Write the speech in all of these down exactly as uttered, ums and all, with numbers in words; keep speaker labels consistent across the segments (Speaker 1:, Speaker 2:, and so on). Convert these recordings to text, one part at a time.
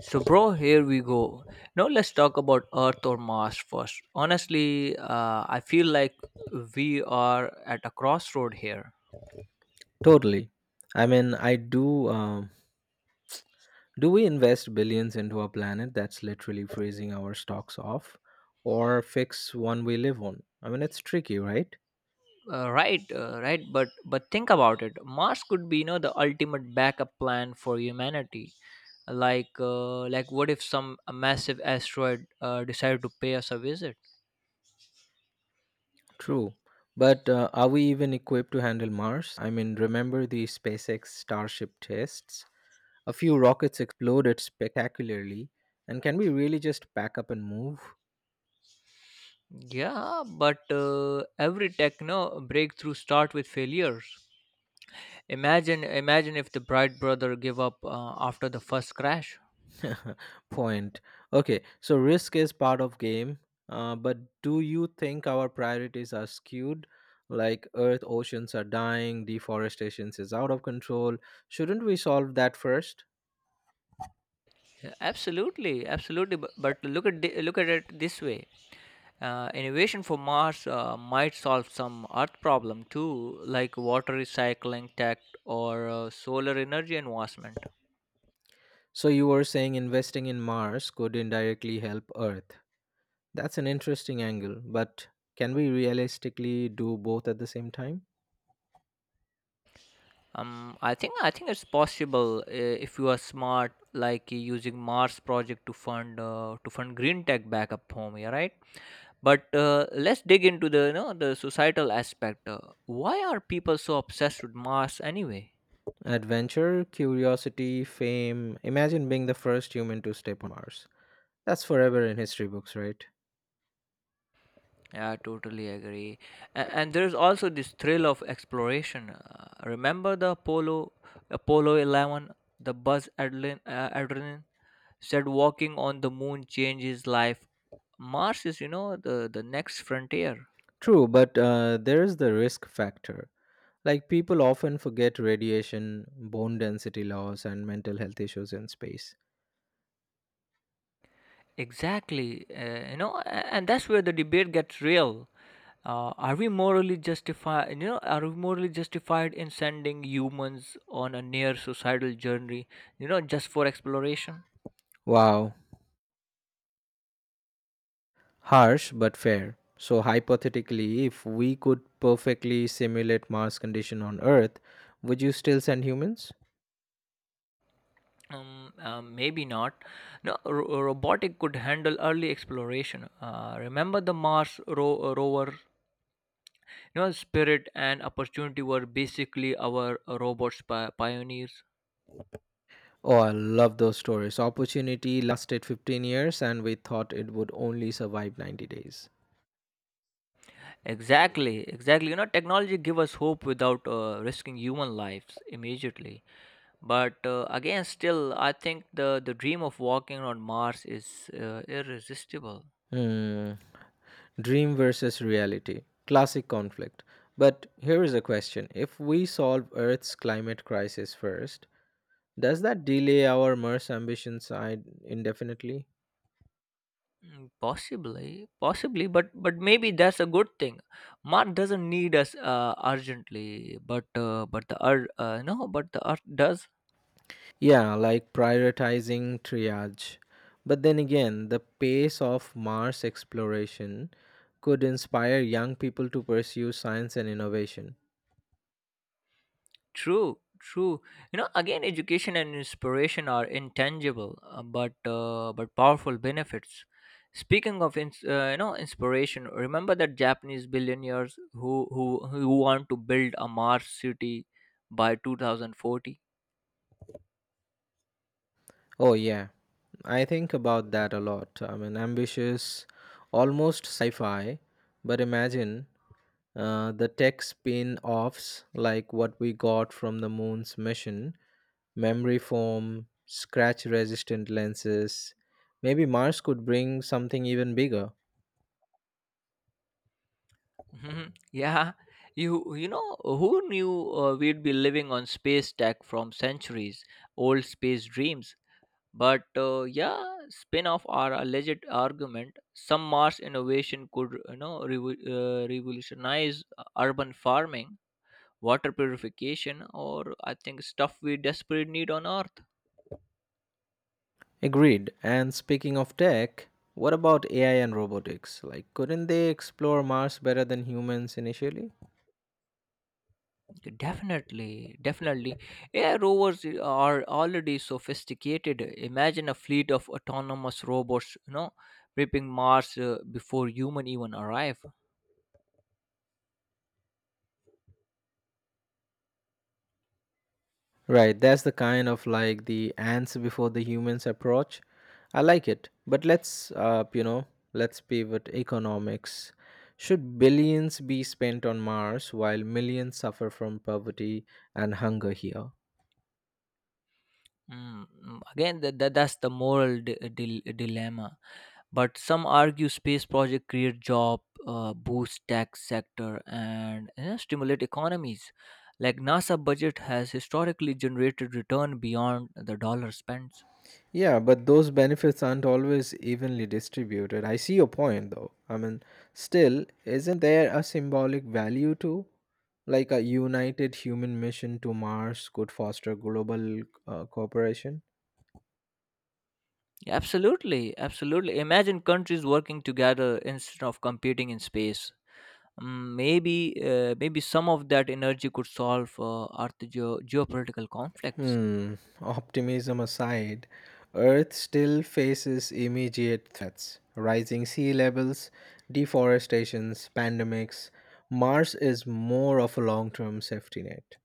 Speaker 1: So, bro, here we go. Now, let's talk about Earth or Mars first. Honestly, uh, I feel like we are at a crossroad here.
Speaker 2: Totally. I mean, I do. Um, do we invest billions into a planet that's literally freezing our stocks off, or fix one we live on? I mean, it's tricky, right?
Speaker 1: Uh, right, uh, right. But but think about it. Mars could be, you know, the ultimate backup plan for humanity. Like uh, like, what if some massive asteroid uh, decided to pay us a visit?
Speaker 2: True. But uh, are we even equipped to handle Mars? I mean, remember the SpaceX Starship tests? A few rockets exploded spectacularly, and can we really just pack up and move?
Speaker 1: Yeah, but uh, every techno breakthrough start with failures. Imagine, imagine if the bright brother give up uh, after the first crash.
Speaker 2: Point. Okay, so risk is part of game. Uh, but do you think our priorities are skewed? Like, earth oceans are dying, deforestation is out of control, shouldn't we solve that first?
Speaker 1: Yeah, absolutely, absolutely. But, but look at the, look at it this way: uh, innovation for Mars uh, might solve some Earth problem too, like water recycling tech or uh, solar energy investment.
Speaker 2: So you were saying investing in mars could indirectly help earth. That's an interesting angle, but can we realistically do both at the same time?
Speaker 1: Um, I think I think it's possible uh, if you are smart, like uh, using Mars project to fund uh, to fund green tech back up home. Yeah, right. But uh, let's dig into the you know the societal aspect. Uh, why are people so obsessed with Mars anyway?
Speaker 2: Adventure, curiosity, fame. Imagine being the first human to step on Mars. That's forever in history books, right?
Speaker 1: Yeah, I totally agree. And, and there's also this thrill of exploration. Uh, remember the Apollo, Apollo eleven, the Buzz Adlin, uh, Aldrin said walking on the moon changes life. Mars is, you know, the, the next frontier.
Speaker 2: True, but uh, there is the risk factor. Like, people often forget radiation, bone density loss, and mental health issues in space.
Speaker 1: Exactly. Uh, you know, a- and that's where the debate gets real. Uh, are we morally justified? You know, are we morally justified in sending humans on a near suicidal journey? You know, just for exploration.
Speaker 2: Wow, harsh but fair. So hypothetically, if we could perfectly simulate Mars condition on Earth, would you still send humans?
Speaker 1: Um, um, maybe not. No, ro- robotic could handle early exploration. Uh, remember the Mars ro- uh, rover? You know, Spirit and Opportunity were basically our uh, robots pi- pioneers.
Speaker 2: Oh, I love those stories. Opportunity lasted fifteen years and we thought it would only survive ninety days.
Speaker 1: Exactly, exactly. You know, technology give us hope without uh, risking human lives immediately. But uh, again, still, I think the the dream of walking on Mars is uh, irresistible.
Speaker 2: Hmm. Dream versus reality. Classic conflict. But here is a question. If we solve Earth's climate crisis first, does that delay our Mars ambition side indefinitely?
Speaker 1: Mm, Possibly, possibly, but but maybe that's a good thing. Mars doesn't need us uh, urgently, but uh, but the earth, uh, no, but the earth does.
Speaker 2: Yeah, like prioritizing triage. But then again, the pace of Mars exploration could inspire young people to pursue science and innovation.
Speaker 1: True, true. You know, again, education and inspiration are intangible, uh, but uh, but powerful benefits. Speaking of ins- uh, you know, inspiration, remember that Japanese billionaires who who who want to build a Mars city by two thousand forty.
Speaker 2: Oh, yeah, I think about that a lot. I mean, ambitious, almost sci fi, but imagine uh, the tech spin offs like what we got from the moon's mission, memory foam, scratch resistant lenses. Maybe Mars could bring something even bigger.
Speaker 1: Mhm. Yeah, you you know who knew uh, we'd be living on space tech from centuries old space dreams. But uh, yeah, spin off our alleged argument, some Mars innovation could, you know, revo- uh, revolutionize uh, urban farming, water purification, or I think stuff we desperately need on Earth.
Speaker 2: Agreed. And speaking of tech, what about A I and robotics? Like, couldn't they explore Mars better than humans initially?
Speaker 1: Definitely, definitely. A I rovers are already sophisticated. Imagine a fleet of autonomous robots, you know, prepping Mars uh, before human even arrive.
Speaker 2: Right, that's the kind of like the ants before the humans approach. I like it. But let's, uh, you know, let's pivot economics. Should billions be spent on Mars while millions suffer from poverty and hunger here?
Speaker 1: Mm, mm, Again, that, that, that's the moral di- dil- dilemma. But some argue space project create job, uh, boost tech sector, and, you know, stimulate economies. Like NASA budget has historically generated return beyond the dollar spent.
Speaker 2: Yeah, but those benefits aren't always evenly distributed. I see your point though. I mean, still, isn't there a symbolic value too? Like a united human mission to Mars could foster global uh, cooperation?
Speaker 1: Absolutely, absolutely. Imagine countries working together instead of competing in space. Mm, Maybe, uh, maybe some of that energy could solve uh, Earth geo- geopolitical conflicts.
Speaker 2: Hmm, optimism aside, Earth still faces immediate threats, rising sea levels, deforestations, pandemics. Mars is more of a long term safety net.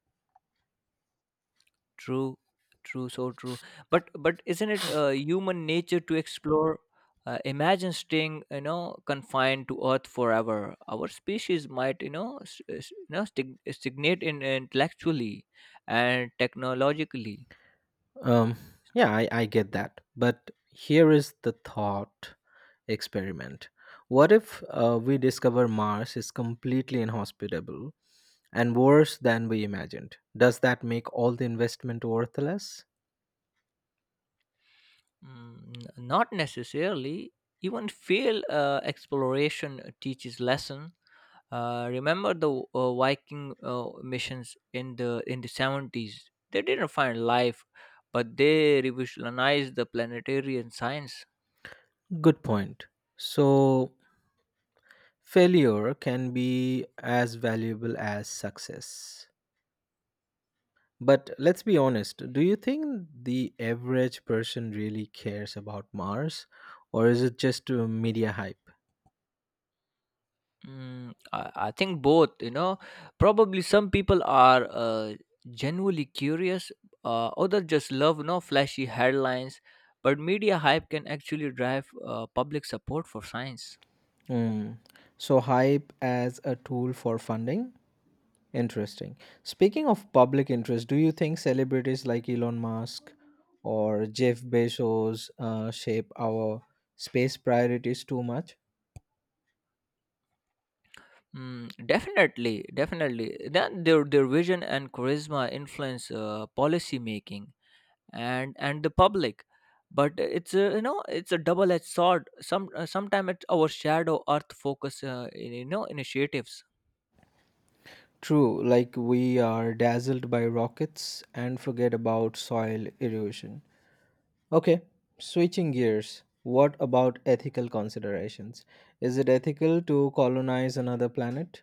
Speaker 1: True, true, so true. But, but isn't it uh, human nature to explore? Uh, imagine staying, you know, confined to Earth forever. Our species might, you know, s- s- you know, stig- stagnate in intellectually and technologically.
Speaker 2: Um, yeah, I, I get that. But here is the thought experiment. What if uh, we discover Mars is completely inhospitable and worse than we imagined? Does that make all the investment worthless?
Speaker 1: Mm, n- not necessarily. Even fail uh, exploration teaches lesson. Uh, remember the uh, Viking uh, missions in the in the seventies? They didn't find life, but they revolutionized the planetary and science.
Speaker 2: Good point. So, failure can be as valuable as success. But let's be honest, do you think the average person really cares about Mars? Or is it just uh, media hype?
Speaker 1: Mm, I, I think both. You know, probably some people are uh, genuinely curious. Uh, others just love no flashy headlines, but media hype can actually drive uh, public support for science.
Speaker 2: Mm. So, hype as a tool for funding? Interesting. Speaking of public interest, do you think celebrities like Elon Musk or Jeff Bezos uh, shape our space priorities too much?
Speaker 1: Mm, definitely, definitely. Then their their vision and charisma influence uh, policy making and and the public. But it's a, you know it's a double-edged sword. Some uh, sometimes it our earth focus uh, in, you know initiatives.
Speaker 2: True, like we are dazzled by rockets and forget about soil erosion. Okay, switching gears. What about ethical considerations? Is it ethical to colonize another planet?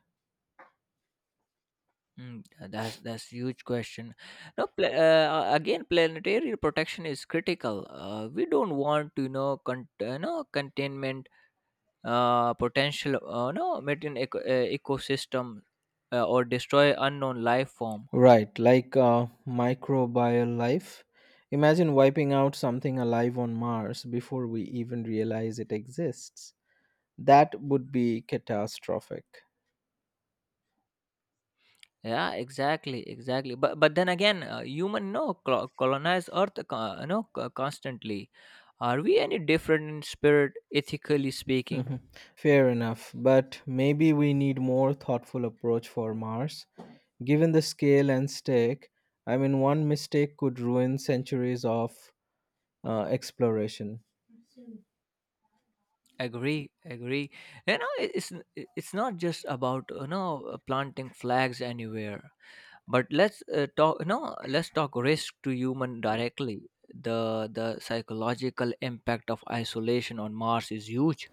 Speaker 1: Mm, that's that's huge question. No, pla- uh, again, planetary protection is critical. Uh, we don't want to, you know, con- you know, containment uh, potential uh, no maintain eco- uh, ecosystem uh, or destroy unknown life form.
Speaker 2: Right, like uh, microbial life. Imagine wiping out something alive on Mars before we even realize it exists. That would be catastrophic.
Speaker 1: Yeah, exactly, exactly. But but then again, uh, human no clo- colonize earth co- you know co- constantly, are we any different in spirit ethically speaking?
Speaker 2: Mhm. Fair enough, but maybe we need more thoughtful approach for Mars. Given the scale and stake, I mean, one mistake could ruin centuries of uh, exploration.
Speaker 1: Agree, agree. You know, it- it's n- it- it's not just about, you know, uh, planting flags anywhere. But let's uh, talk no, let's talk risk to human directly. The the psychological impact of isolation on Mars is huge.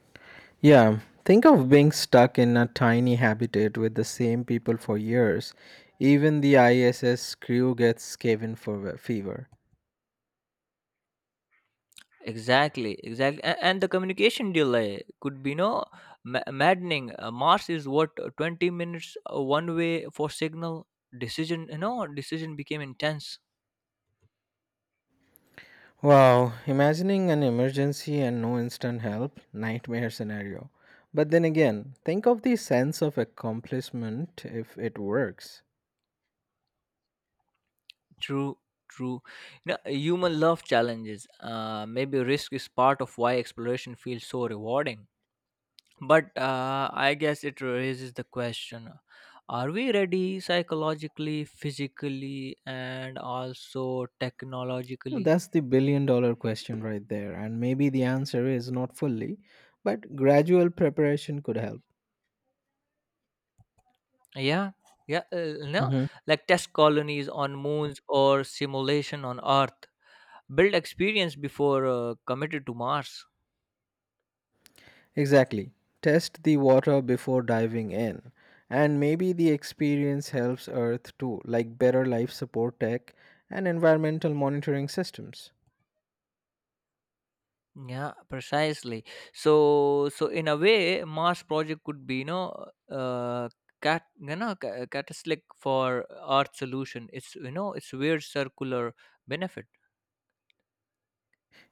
Speaker 2: Yeah, think of being stuck in a tiny habitat with the same people for years. Even the I S S crew gets cabin for fever.
Speaker 1: Exactly, exactly, and, and the communication delay could be no ma- maddening. Uh, Mars is what uh, twenty minutes uh, one way for signal decision. You know, decision became intense.
Speaker 2: Wow, imagining an emergency and no instant help, nightmare scenario. But then again, think of the sense of accomplishment if it works.
Speaker 1: True, true. You know, human love challenges. Uh, maybe risk is part of why exploration feels so rewarding. But uh, I guess it raises the question, are we ready psychologically, physically, and also
Speaker 2: Well,
Speaker 1: technologically?
Speaker 2: that's the billion dollar question right there, and maybe the answer is not fully, but gradual preparation could help.
Speaker 1: Yeah, yeah, uh, no, like test colonies on moons or simulation on Earth. Build experience before uh, committed to Mars.
Speaker 2: Exactly. Test the water before diving in. And maybe the experience helps Earth too, like better life support tech and environmental monitoring systems.
Speaker 1: Yeah, precisely. So, so in a way, Mars project could be, you know, uh, cat, you know, ca- catalytic for Earth solution. It's you know, it's weird circular benefit.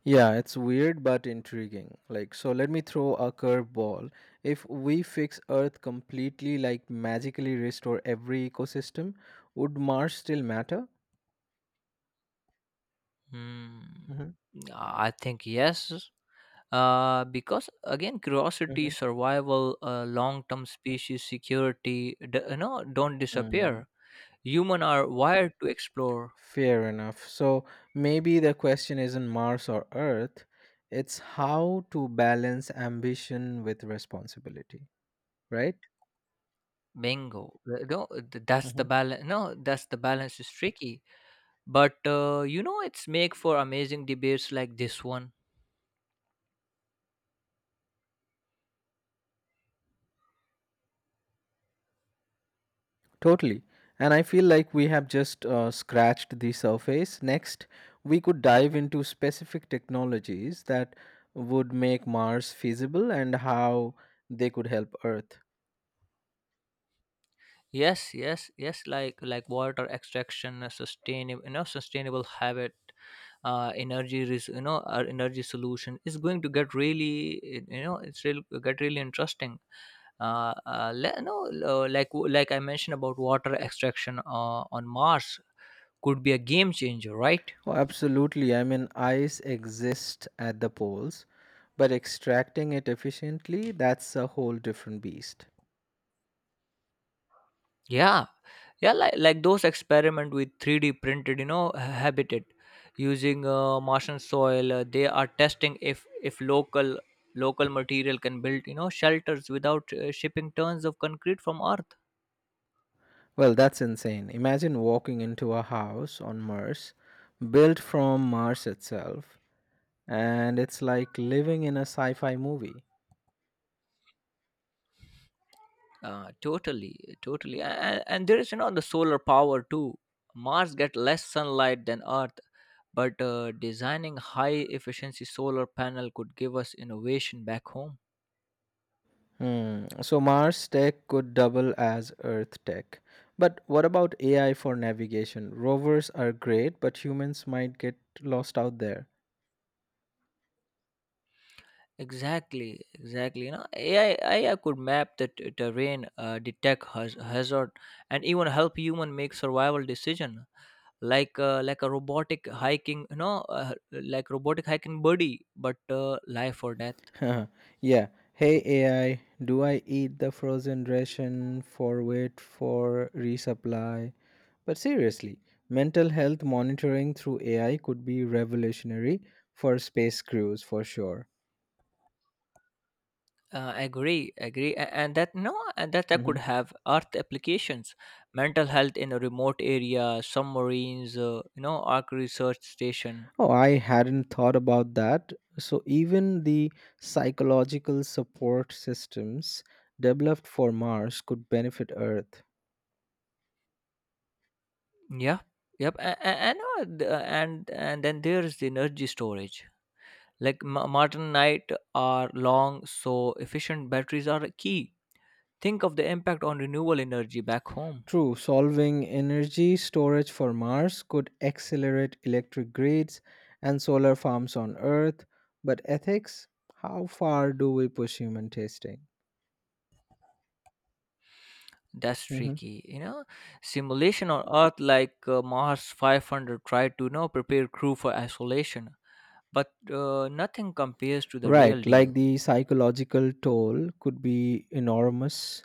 Speaker 2: Yeah, it's weird but intriguing. Like, so let me throw a curveball. If we fix Earth completely, like magically restore every ecosystem, would Mars still matter?
Speaker 1: Hmm.
Speaker 2: Hmm.
Speaker 1: I think yes. Uh, because again, curiosity, survival, uh, long-term species security, d- you know, don't
Speaker 2: Hmm.
Speaker 1: disappear. Human are wired to explore.
Speaker 2: Fair enough. So maybe the question isn't Mars or Earth, it's how to balance ambition with responsibility, right?
Speaker 1: Bingo. Uh, No, th- that's the
Speaker 2: Mhm.
Speaker 1: balance. No, that's the balance is tricky, but uh, you know, it's make for amazing debates like this one.
Speaker 2: Totally. And I feel like we have just uh, scratched the surface. Next, we could dive into specific technologies that would make Mars feasible and how they could help Earth.
Speaker 1: Yes, yes, yes, like like water extraction, a sustainable you know sustainable habit, uh energy res- you know, our energy solution is going to get really, you know, it's real get really interesting. Uh, uh le- no uh, like like I mentioned about water extraction uh, on Mars could be a game changer, right?
Speaker 2: Oh, absolutely. I mean, ice exists at the poles, but extracting it efficiently, that's a whole different beast.
Speaker 1: Yeah, yeah, like, like those experiment with three D printed, you know, ha- habitat using uh, Martian soil. Uh, they are testing if if local local material can build, you know, shelters without uh, shipping tons of concrete from Earth.
Speaker 2: Well, that's insane. Imagine walking into a house on Mars, built from Mars itself, and it's like living in a sci fi movie.
Speaker 1: Uh, totally, totally, and, and there is, you know, the solar power too. Mars get less sunlight than Earth, but uh, designing high efficiency solar panel could give us innovation back home.
Speaker 2: Hmm. So, Mars tech could double as Earth tech. But what about A I for navigation? Rovers are great, but humans might get lost out there.
Speaker 1: Exactly, exactly. You know, A I, A I could map the t- terrain, uh, detect haz- hazard, and even help human make survival decision, like uh, like a robotic hiking, you know, uh, like robotic hiking buddy, but uh, life or death.
Speaker 2: Yeah. Hey A I, do I eat the frozen ration for wait for resupply? But seriously, mental health monitoring through A I could be revolutionary for space crews for sure.
Speaker 1: Uh, agree, agree, A- and that no, and that that could
Speaker 2: Mhm.
Speaker 1: have Earth applications, mental health in a remote area, submarines, uh, you know, arc research station.
Speaker 2: Oh, I hadn't thought about that. So, even the psychological support systems developed for Mars could benefit Earth.
Speaker 1: Yeah, yep, and and, and, uh, the- and and then there's the energy storage. Like m- modern night are long, so efficient batteries are key. Think of the impact on renewable energy back home.
Speaker 2: True, solving energy storage for Mars could accelerate electric grids and solar farms on Earth, but ethics, how far do we push human testing?
Speaker 1: That's
Speaker 2: Mhm.
Speaker 1: tricky, you know. Simulation on Earth, like uh, Mars five hundred, tried to, you know, prepare crew for isolation, but uh, nothing compares to the real
Speaker 2: Right, like
Speaker 1: deal.
Speaker 2: the psychological toll could be enormous.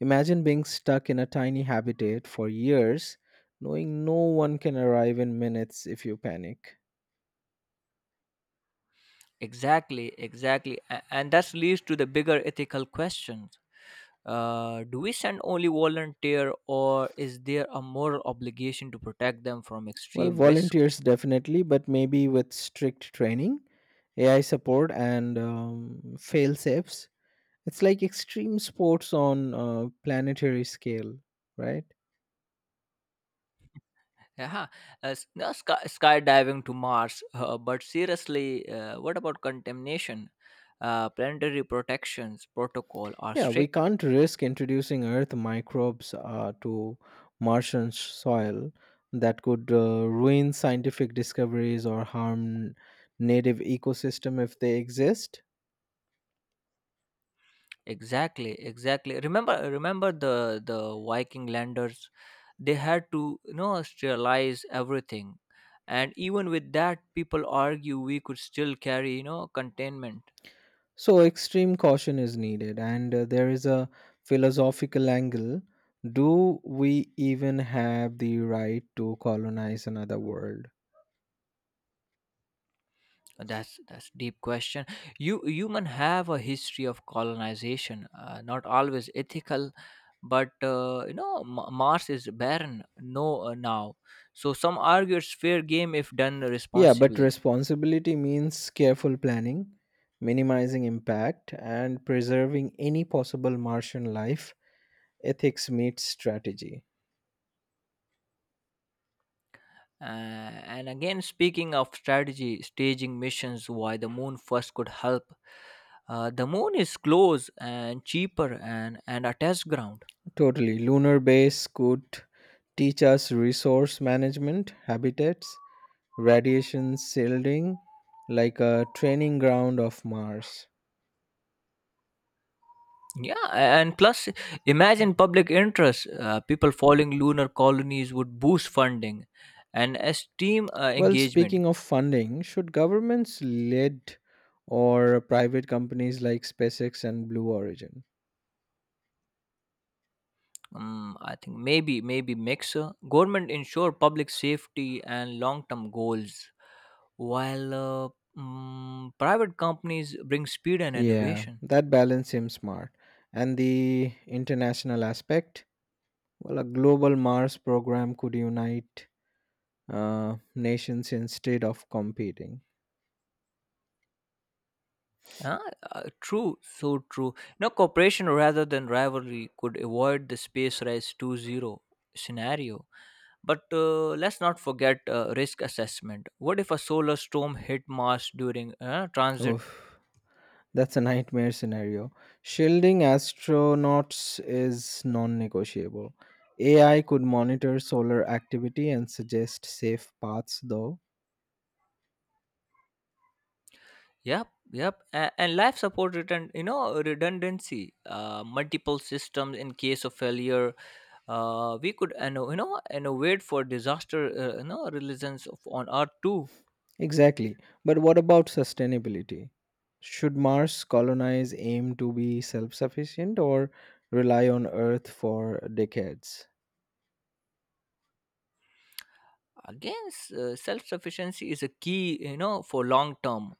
Speaker 2: Imagine being stuck in a tiny habitat for years, knowing no one can arrive in minutes if you panic.
Speaker 1: Exactly, exactly, A- and that leads to the bigger ethical questions. Uh, do we send only volunteer, or is there a moral obligation to protect them from
Speaker 2: Well,
Speaker 1: extreme risk?
Speaker 2: volunteers definitely, but maybe with strict training, A I support, and um, fail safes. It's like extreme sports on a planetary scale, right?
Speaker 1: Yeah, huh. uh, s- no, sky, skydiving to Mars. Uh, but seriously, uh, what about contamination? Uh, planetary protections protocol are
Speaker 2: Yeah, we
Speaker 1: strict.
Speaker 2: can't risk introducing Earth microbes uh, to Martian soil that could uh, ruin scientific discoveries or harm native ecosystem if they exist.
Speaker 1: Exactly, exactly. Remember, remember the the Viking landers. They had to, you know, sterilize everything, and even with that, people argue we could still carry, you know, containment.
Speaker 2: So, extreme caution is needed, and uh, there is a philosophical angle. Do we even have the right to colonize another world?
Speaker 1: That's that's deep question. You human have a history of colonization, uh, not always ethical, but uh, you know, M- Mars is barren. No, uh, now, so some argue it's fair game if done
Speaker 2: Yeah, but
Speaker 1: responsibly.
Speaker 2: responsibility means careful planning, minimizing impact, and preserving any possible Martian life. Ethics meets strategy.
Speaker 1: Uh, and again, speaking of strategy, staging missions, why the moon first could help. Uh, the moon is close and cheaper and and a test ground.
Speaker 2: Totally. Lunar base could teach us resource management, habitats, radiation shielding, like a training ground of Mars.
Speaker 1: Yeah, and plus, imagine public interest. Uh, people following lunar colonies would boost funding and esteem uh,
Speaker 2: Well, speaking
Speaker 1: engagement.
Speaker 2: of funding, should governments lead or private companies like SpaceX and Blue Origin?
Speaker 1: Um, I think maybe, maybe mix. uh, Government ensure public safety and long term goals, while uh, mm, private companies bring speed and
Speaker 2: Yeah,
Speaker 1: innovation.
Speaker 2: that balance seems smart. And the international aspect? Well, a global Mars program could unite uh, nations instead of competing.
Speaker 1: Ah, uh, true, so true. No, cooperation rather than rivalry could avoid the space race two oh scenario. But uh, let's not forget uh, risk assessment. What if a solar storm hit Mars during uh, transit?
Speaker 2: Oof. That's a nightmare scenario. Shielding astronauts is non negotiable. A I could monitor solar activity and suggest safe paths, though.
Speaker 1: Yep, yep. And, and life support return, you know, redundancy, uh, multiple systems in case of failure. Uh, we could, you know, you know, innovate for disaster, uh, you know, resilience of- on Earth too.
Speaker 2: Exactly. But what about sustainability? Should Mars colonize aim to be self sufficient or rely on Earth for decades?
Speaker 1: Again, s- uh, self-sufficiency is a key, you know, for long term.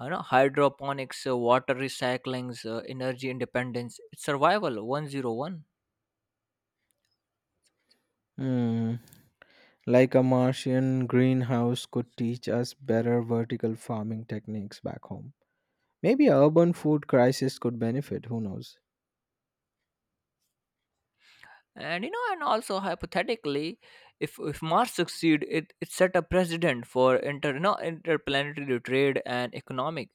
Speaker 1: You know, hydroponics, uh, water recyclings, uh, energy independence. It's survival one oh one.
Speaker 2: Hmm. Like a Martian greenhouse could teach us better vertical farming techniques back home. Maybe a urban food crisis could benefit, who knows?
Speaker 1: and you know, and also hypothetically, if if mars succeed, it it set a precedent for inter, you know, interplanetary trade and economic,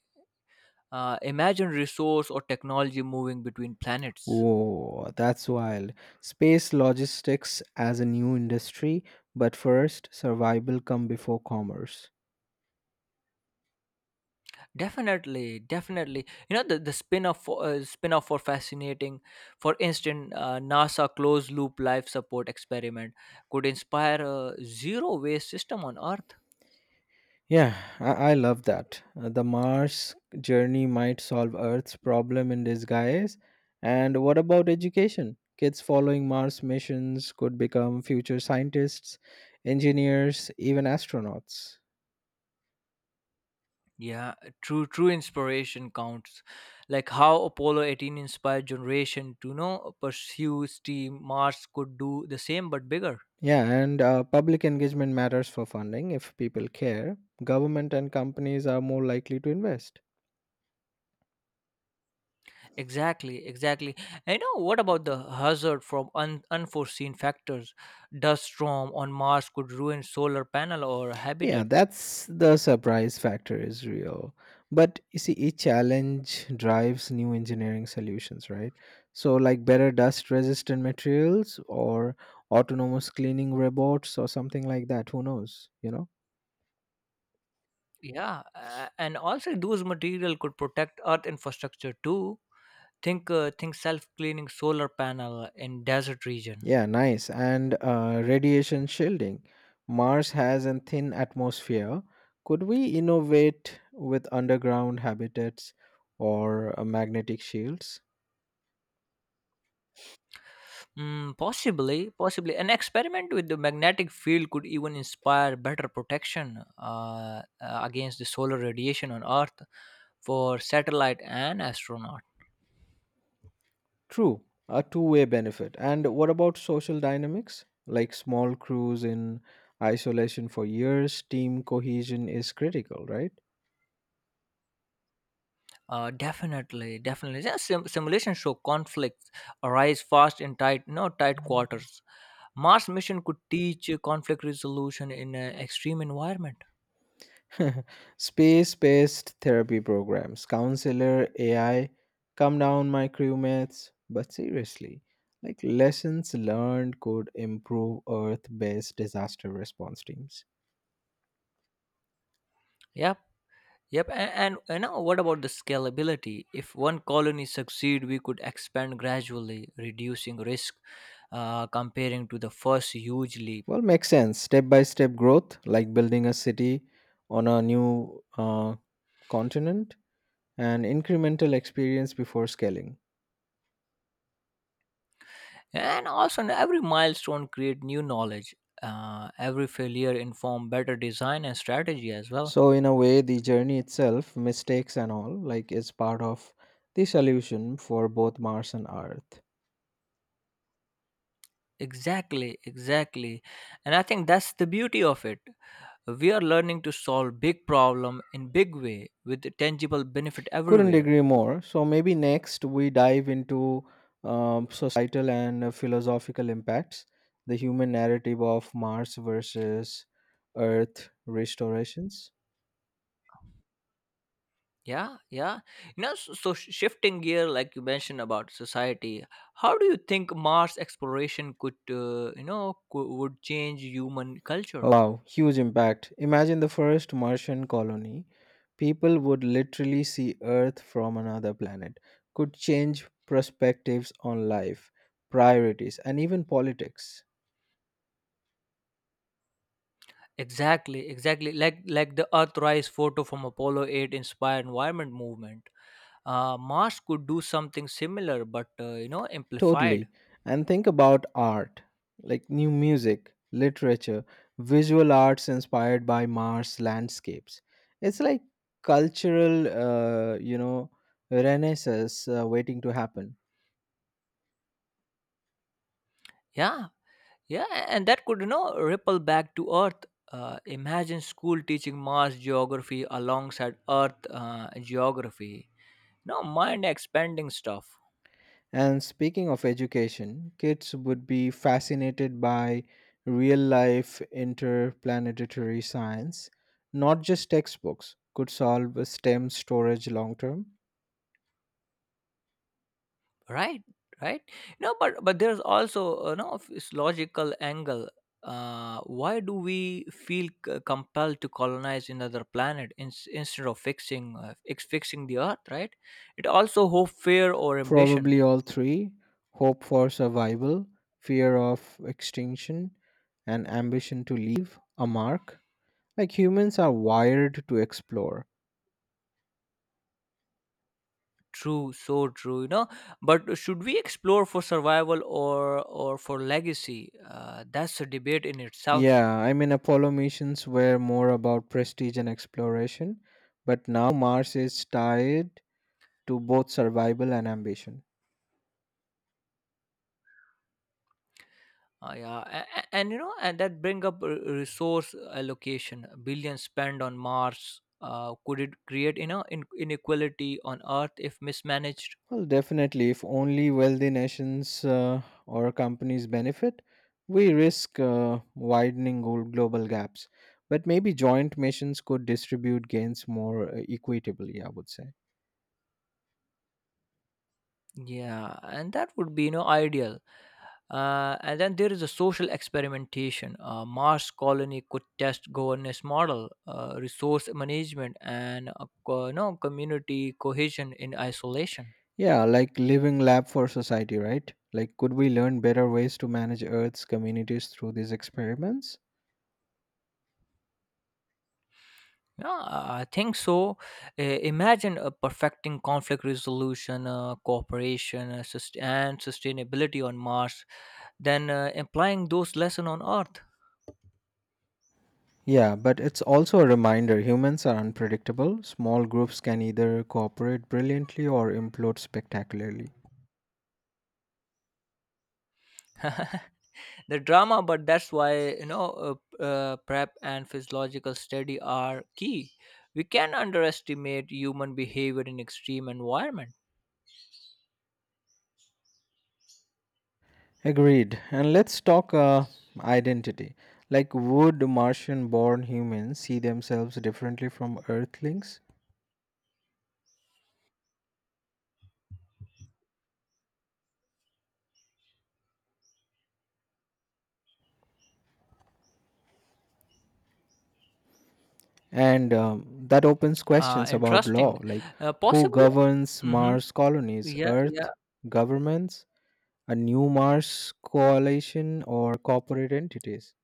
Speaker 1: uh, imagine resource or technology moving between planets.
Speaker 2: Whoa, that's wild. Space logistics as a new industry, but first, survival come before commerce.
Speaker 1: Definitely, definitely. You know, the, the spin-off for, uh, spin-off for fascinating, for instance, uh, nasa closed loop life support experiment could inspire a zero waste system on earth.
Speaker 2: Yeah, I, I love that. Uh, The Mars journey might solve Earth's problem in disguise. And what about education? Kids following Mars missions could become future scientists, engineers, even astronauts.
Speaker 1: Yeah, true, true, inspiration counts. Like how Apollo eighteen inspired generation to, you know, pursue steam, Mars could do the same but bigger.
Speaker 2: Yeah, and uh, public engagement matters for funding. If people care, government and companies are more likely to invest.
Speaker 1: Exactly, exactly. And, you know, what about the hazard from un- unforeseen factors? Dust storm on Mars could ruin solar panel or
Speaker 2: Yeah,
Speaker 1: habitat.
Speaker 2: that's the surprise factor is real. But you see, each challenge drives new engineering solutions, right? So, like better dust resistant materials or autonomous cleaning robots or something like that. Who knows, you know?
Speaker 1: Yeah, uh, and also those material could protect Earth infrastructure too. Think uh, think self-cleaning solar panel in desert region.
Speaker 2: Yeah, nice. And uh, radiation shielding. Mars has a thin atmosphere. Could we innovate with underground habitats or uh, magnetic shields?
Speaker 1: Mm, possibly, possibly. An experiment with the magnetic field could even inspire better protection, uh, uh, against the solar radiation on Earth for satellite and astronaut.
Speaker 2: True, a two way benefit. And what about social dynamics? Like, small crews in isolation for years, team cohesion is critical, right?
Speaker 1: Uh, definitely, definitely. Yeah, sim- simulations show conflicts arise fast in tight, no tight quarters. Mars mission could teach conflict resolution in an extreme environment.
Speaker 2: Space based therapy programs, counselor, A I, come down, my crewmates. But seriously, like lessons learned could improve Earth based disaster response teams.
Speaker 1: Yep. Yep, and, and you know, what about the scalability? If one colony succeed, we could expand gradually, reducing risk uh, comparing to the first huge leap.
Speaker 2: Well, makes sense. Step by step growth, like building a city on a new uh, continent and incremental experience before scaling.
Speaker 1: And also, every milestone create new knowledge. Uh, every failure inform better design and strategy as well.
Speaker 2: So in a way, the journey itself, mistakes and all, like is part of the solution for both Mars and Earth.
Speaker 1: Exactly, exactly. And I think that's the beauty of it. We are learning to solve big problem in big way with tangible benefit
Speaker 2: Couldn't
Speaker 1: everywhere.
Speaker 2: agree more. So maybe next we dive into um, societal and uh, philosophical impacts, the human narrative of Mars versus Earth restorations.
Speaker 1: Yeah, yeah. Now, so, so sh- shifting gear, like you mentioned about society, how do you think Mars exploration could, uh, you know, cou- would change human culture?
Speaker 2: Wow, huge impact. Imagine the first Martian colony. People would literally see Earth from another planet, could change perspectives on life, priorities, and even politics.
Speaker 1: Exactly, exactly. Like like the Earthrise photo from Apollo eight inspired environment movement. Uh, Mars could do something similar, but uh, you know, amplified.
Speaker 2: Totally. And think about art, like new music, literature, visual arts inspired by Mars landscapes. It's like cultural, uh, you know, renaissance uh, waiting to happen.
Speaker 1: Yeah, yeah, a- and that could, you know, ripple back to Earth. Uh, imagine school teaching Mars geography alongside Earth uh, geography, no, mind expanding stuff.
Speaker 2: And speaking of education, kids would be fascinated by real life interplanetary science, not just textbooks. Could solve a STEM storage long term?
Speaker 1: Right, right. No but but there's also, you know, this logical angle. Uh why do we feel c- compelled to colonize another planet, in, instead of fixing uh, ex- fixing the earth, right? It also hope, fear, or ambition?
Speaker 2: Probably all three, hope for survival, fear of extinction, and ambition to leave a mark. Like, humans are wired to explore.
Speaker 1: True, so true. You know, but should we explore for survival, or or for legacy? Uh, that's a debate in itself.
Speaker 2: Yeah, I mean, Apollo missions were more about prestige and exploration, but now Mars is tied to both survival and ambition.
Speaker 1: Uh, yeah, and, and you know, and that bring up r- resource allocation. Billions spent on Mars, uh, could it create, you know, in- inequality on Earth if mismanaged?
Speaker 2: Well, definitely, if only wealthy nations uh, or companies benefit, we risk uh, widening glo- global gaps. But maybe joint missions could distribute gains more uh, equitably, I would say.
Speaker 1: Yeah, and that would be, you know, ideal. Uh, and then there is a social experimentation. A Mars colony could test governance model, uh, resource management, and uh, co- you know, community cohesion in isolation.
Speaker 2: Yeah, like living lab for society, right? Like, could we learn better ways to manage Earth's communities through these experiments?
Speaker 1: Yeah, I think so. I- Imagine uh, perfecting conflict resolution, uh, cooperation, uh, sust- and sustainability on Mars, then uh, applying those lessons on Earth.
Speaker 2: Yeah, but it's also a reminder humans are unpredictable. Small groups can either cooperate brilliantly or implode spectacularly.
Speaker 1: The drama, but that's why, you know, uh, p- uh, prep and physiological study are key. We can underestimate human behavior in extreme environment.
Speaker 2: Agreed. And let's talk uh, identity. Like, would Martian born humans see themselves differently from Earthlings? And um, that opens
Speaker 1: Uh,
Speaker 2: questions about law,
Speaker 1: interesting,
Speaker 2: like
Speaker 1: uh,
Speaker 2: who
Speaker 1: possibly.
Speaker 2: governs
Speaker 1: Hmm.
Speaker 2: Mars colonies,
Speaker 1: Yeah, yeah.
Speaker 2: Earth governments, a new Mars coalition, or corporate entities?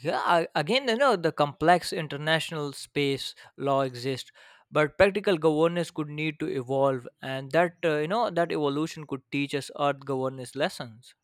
Speaker 1: Yeah, I- again, you know, the complex international space law exists, but practical governance could need to evolve, and that, uh, you know, that evolution could teach us Earth governance lessons.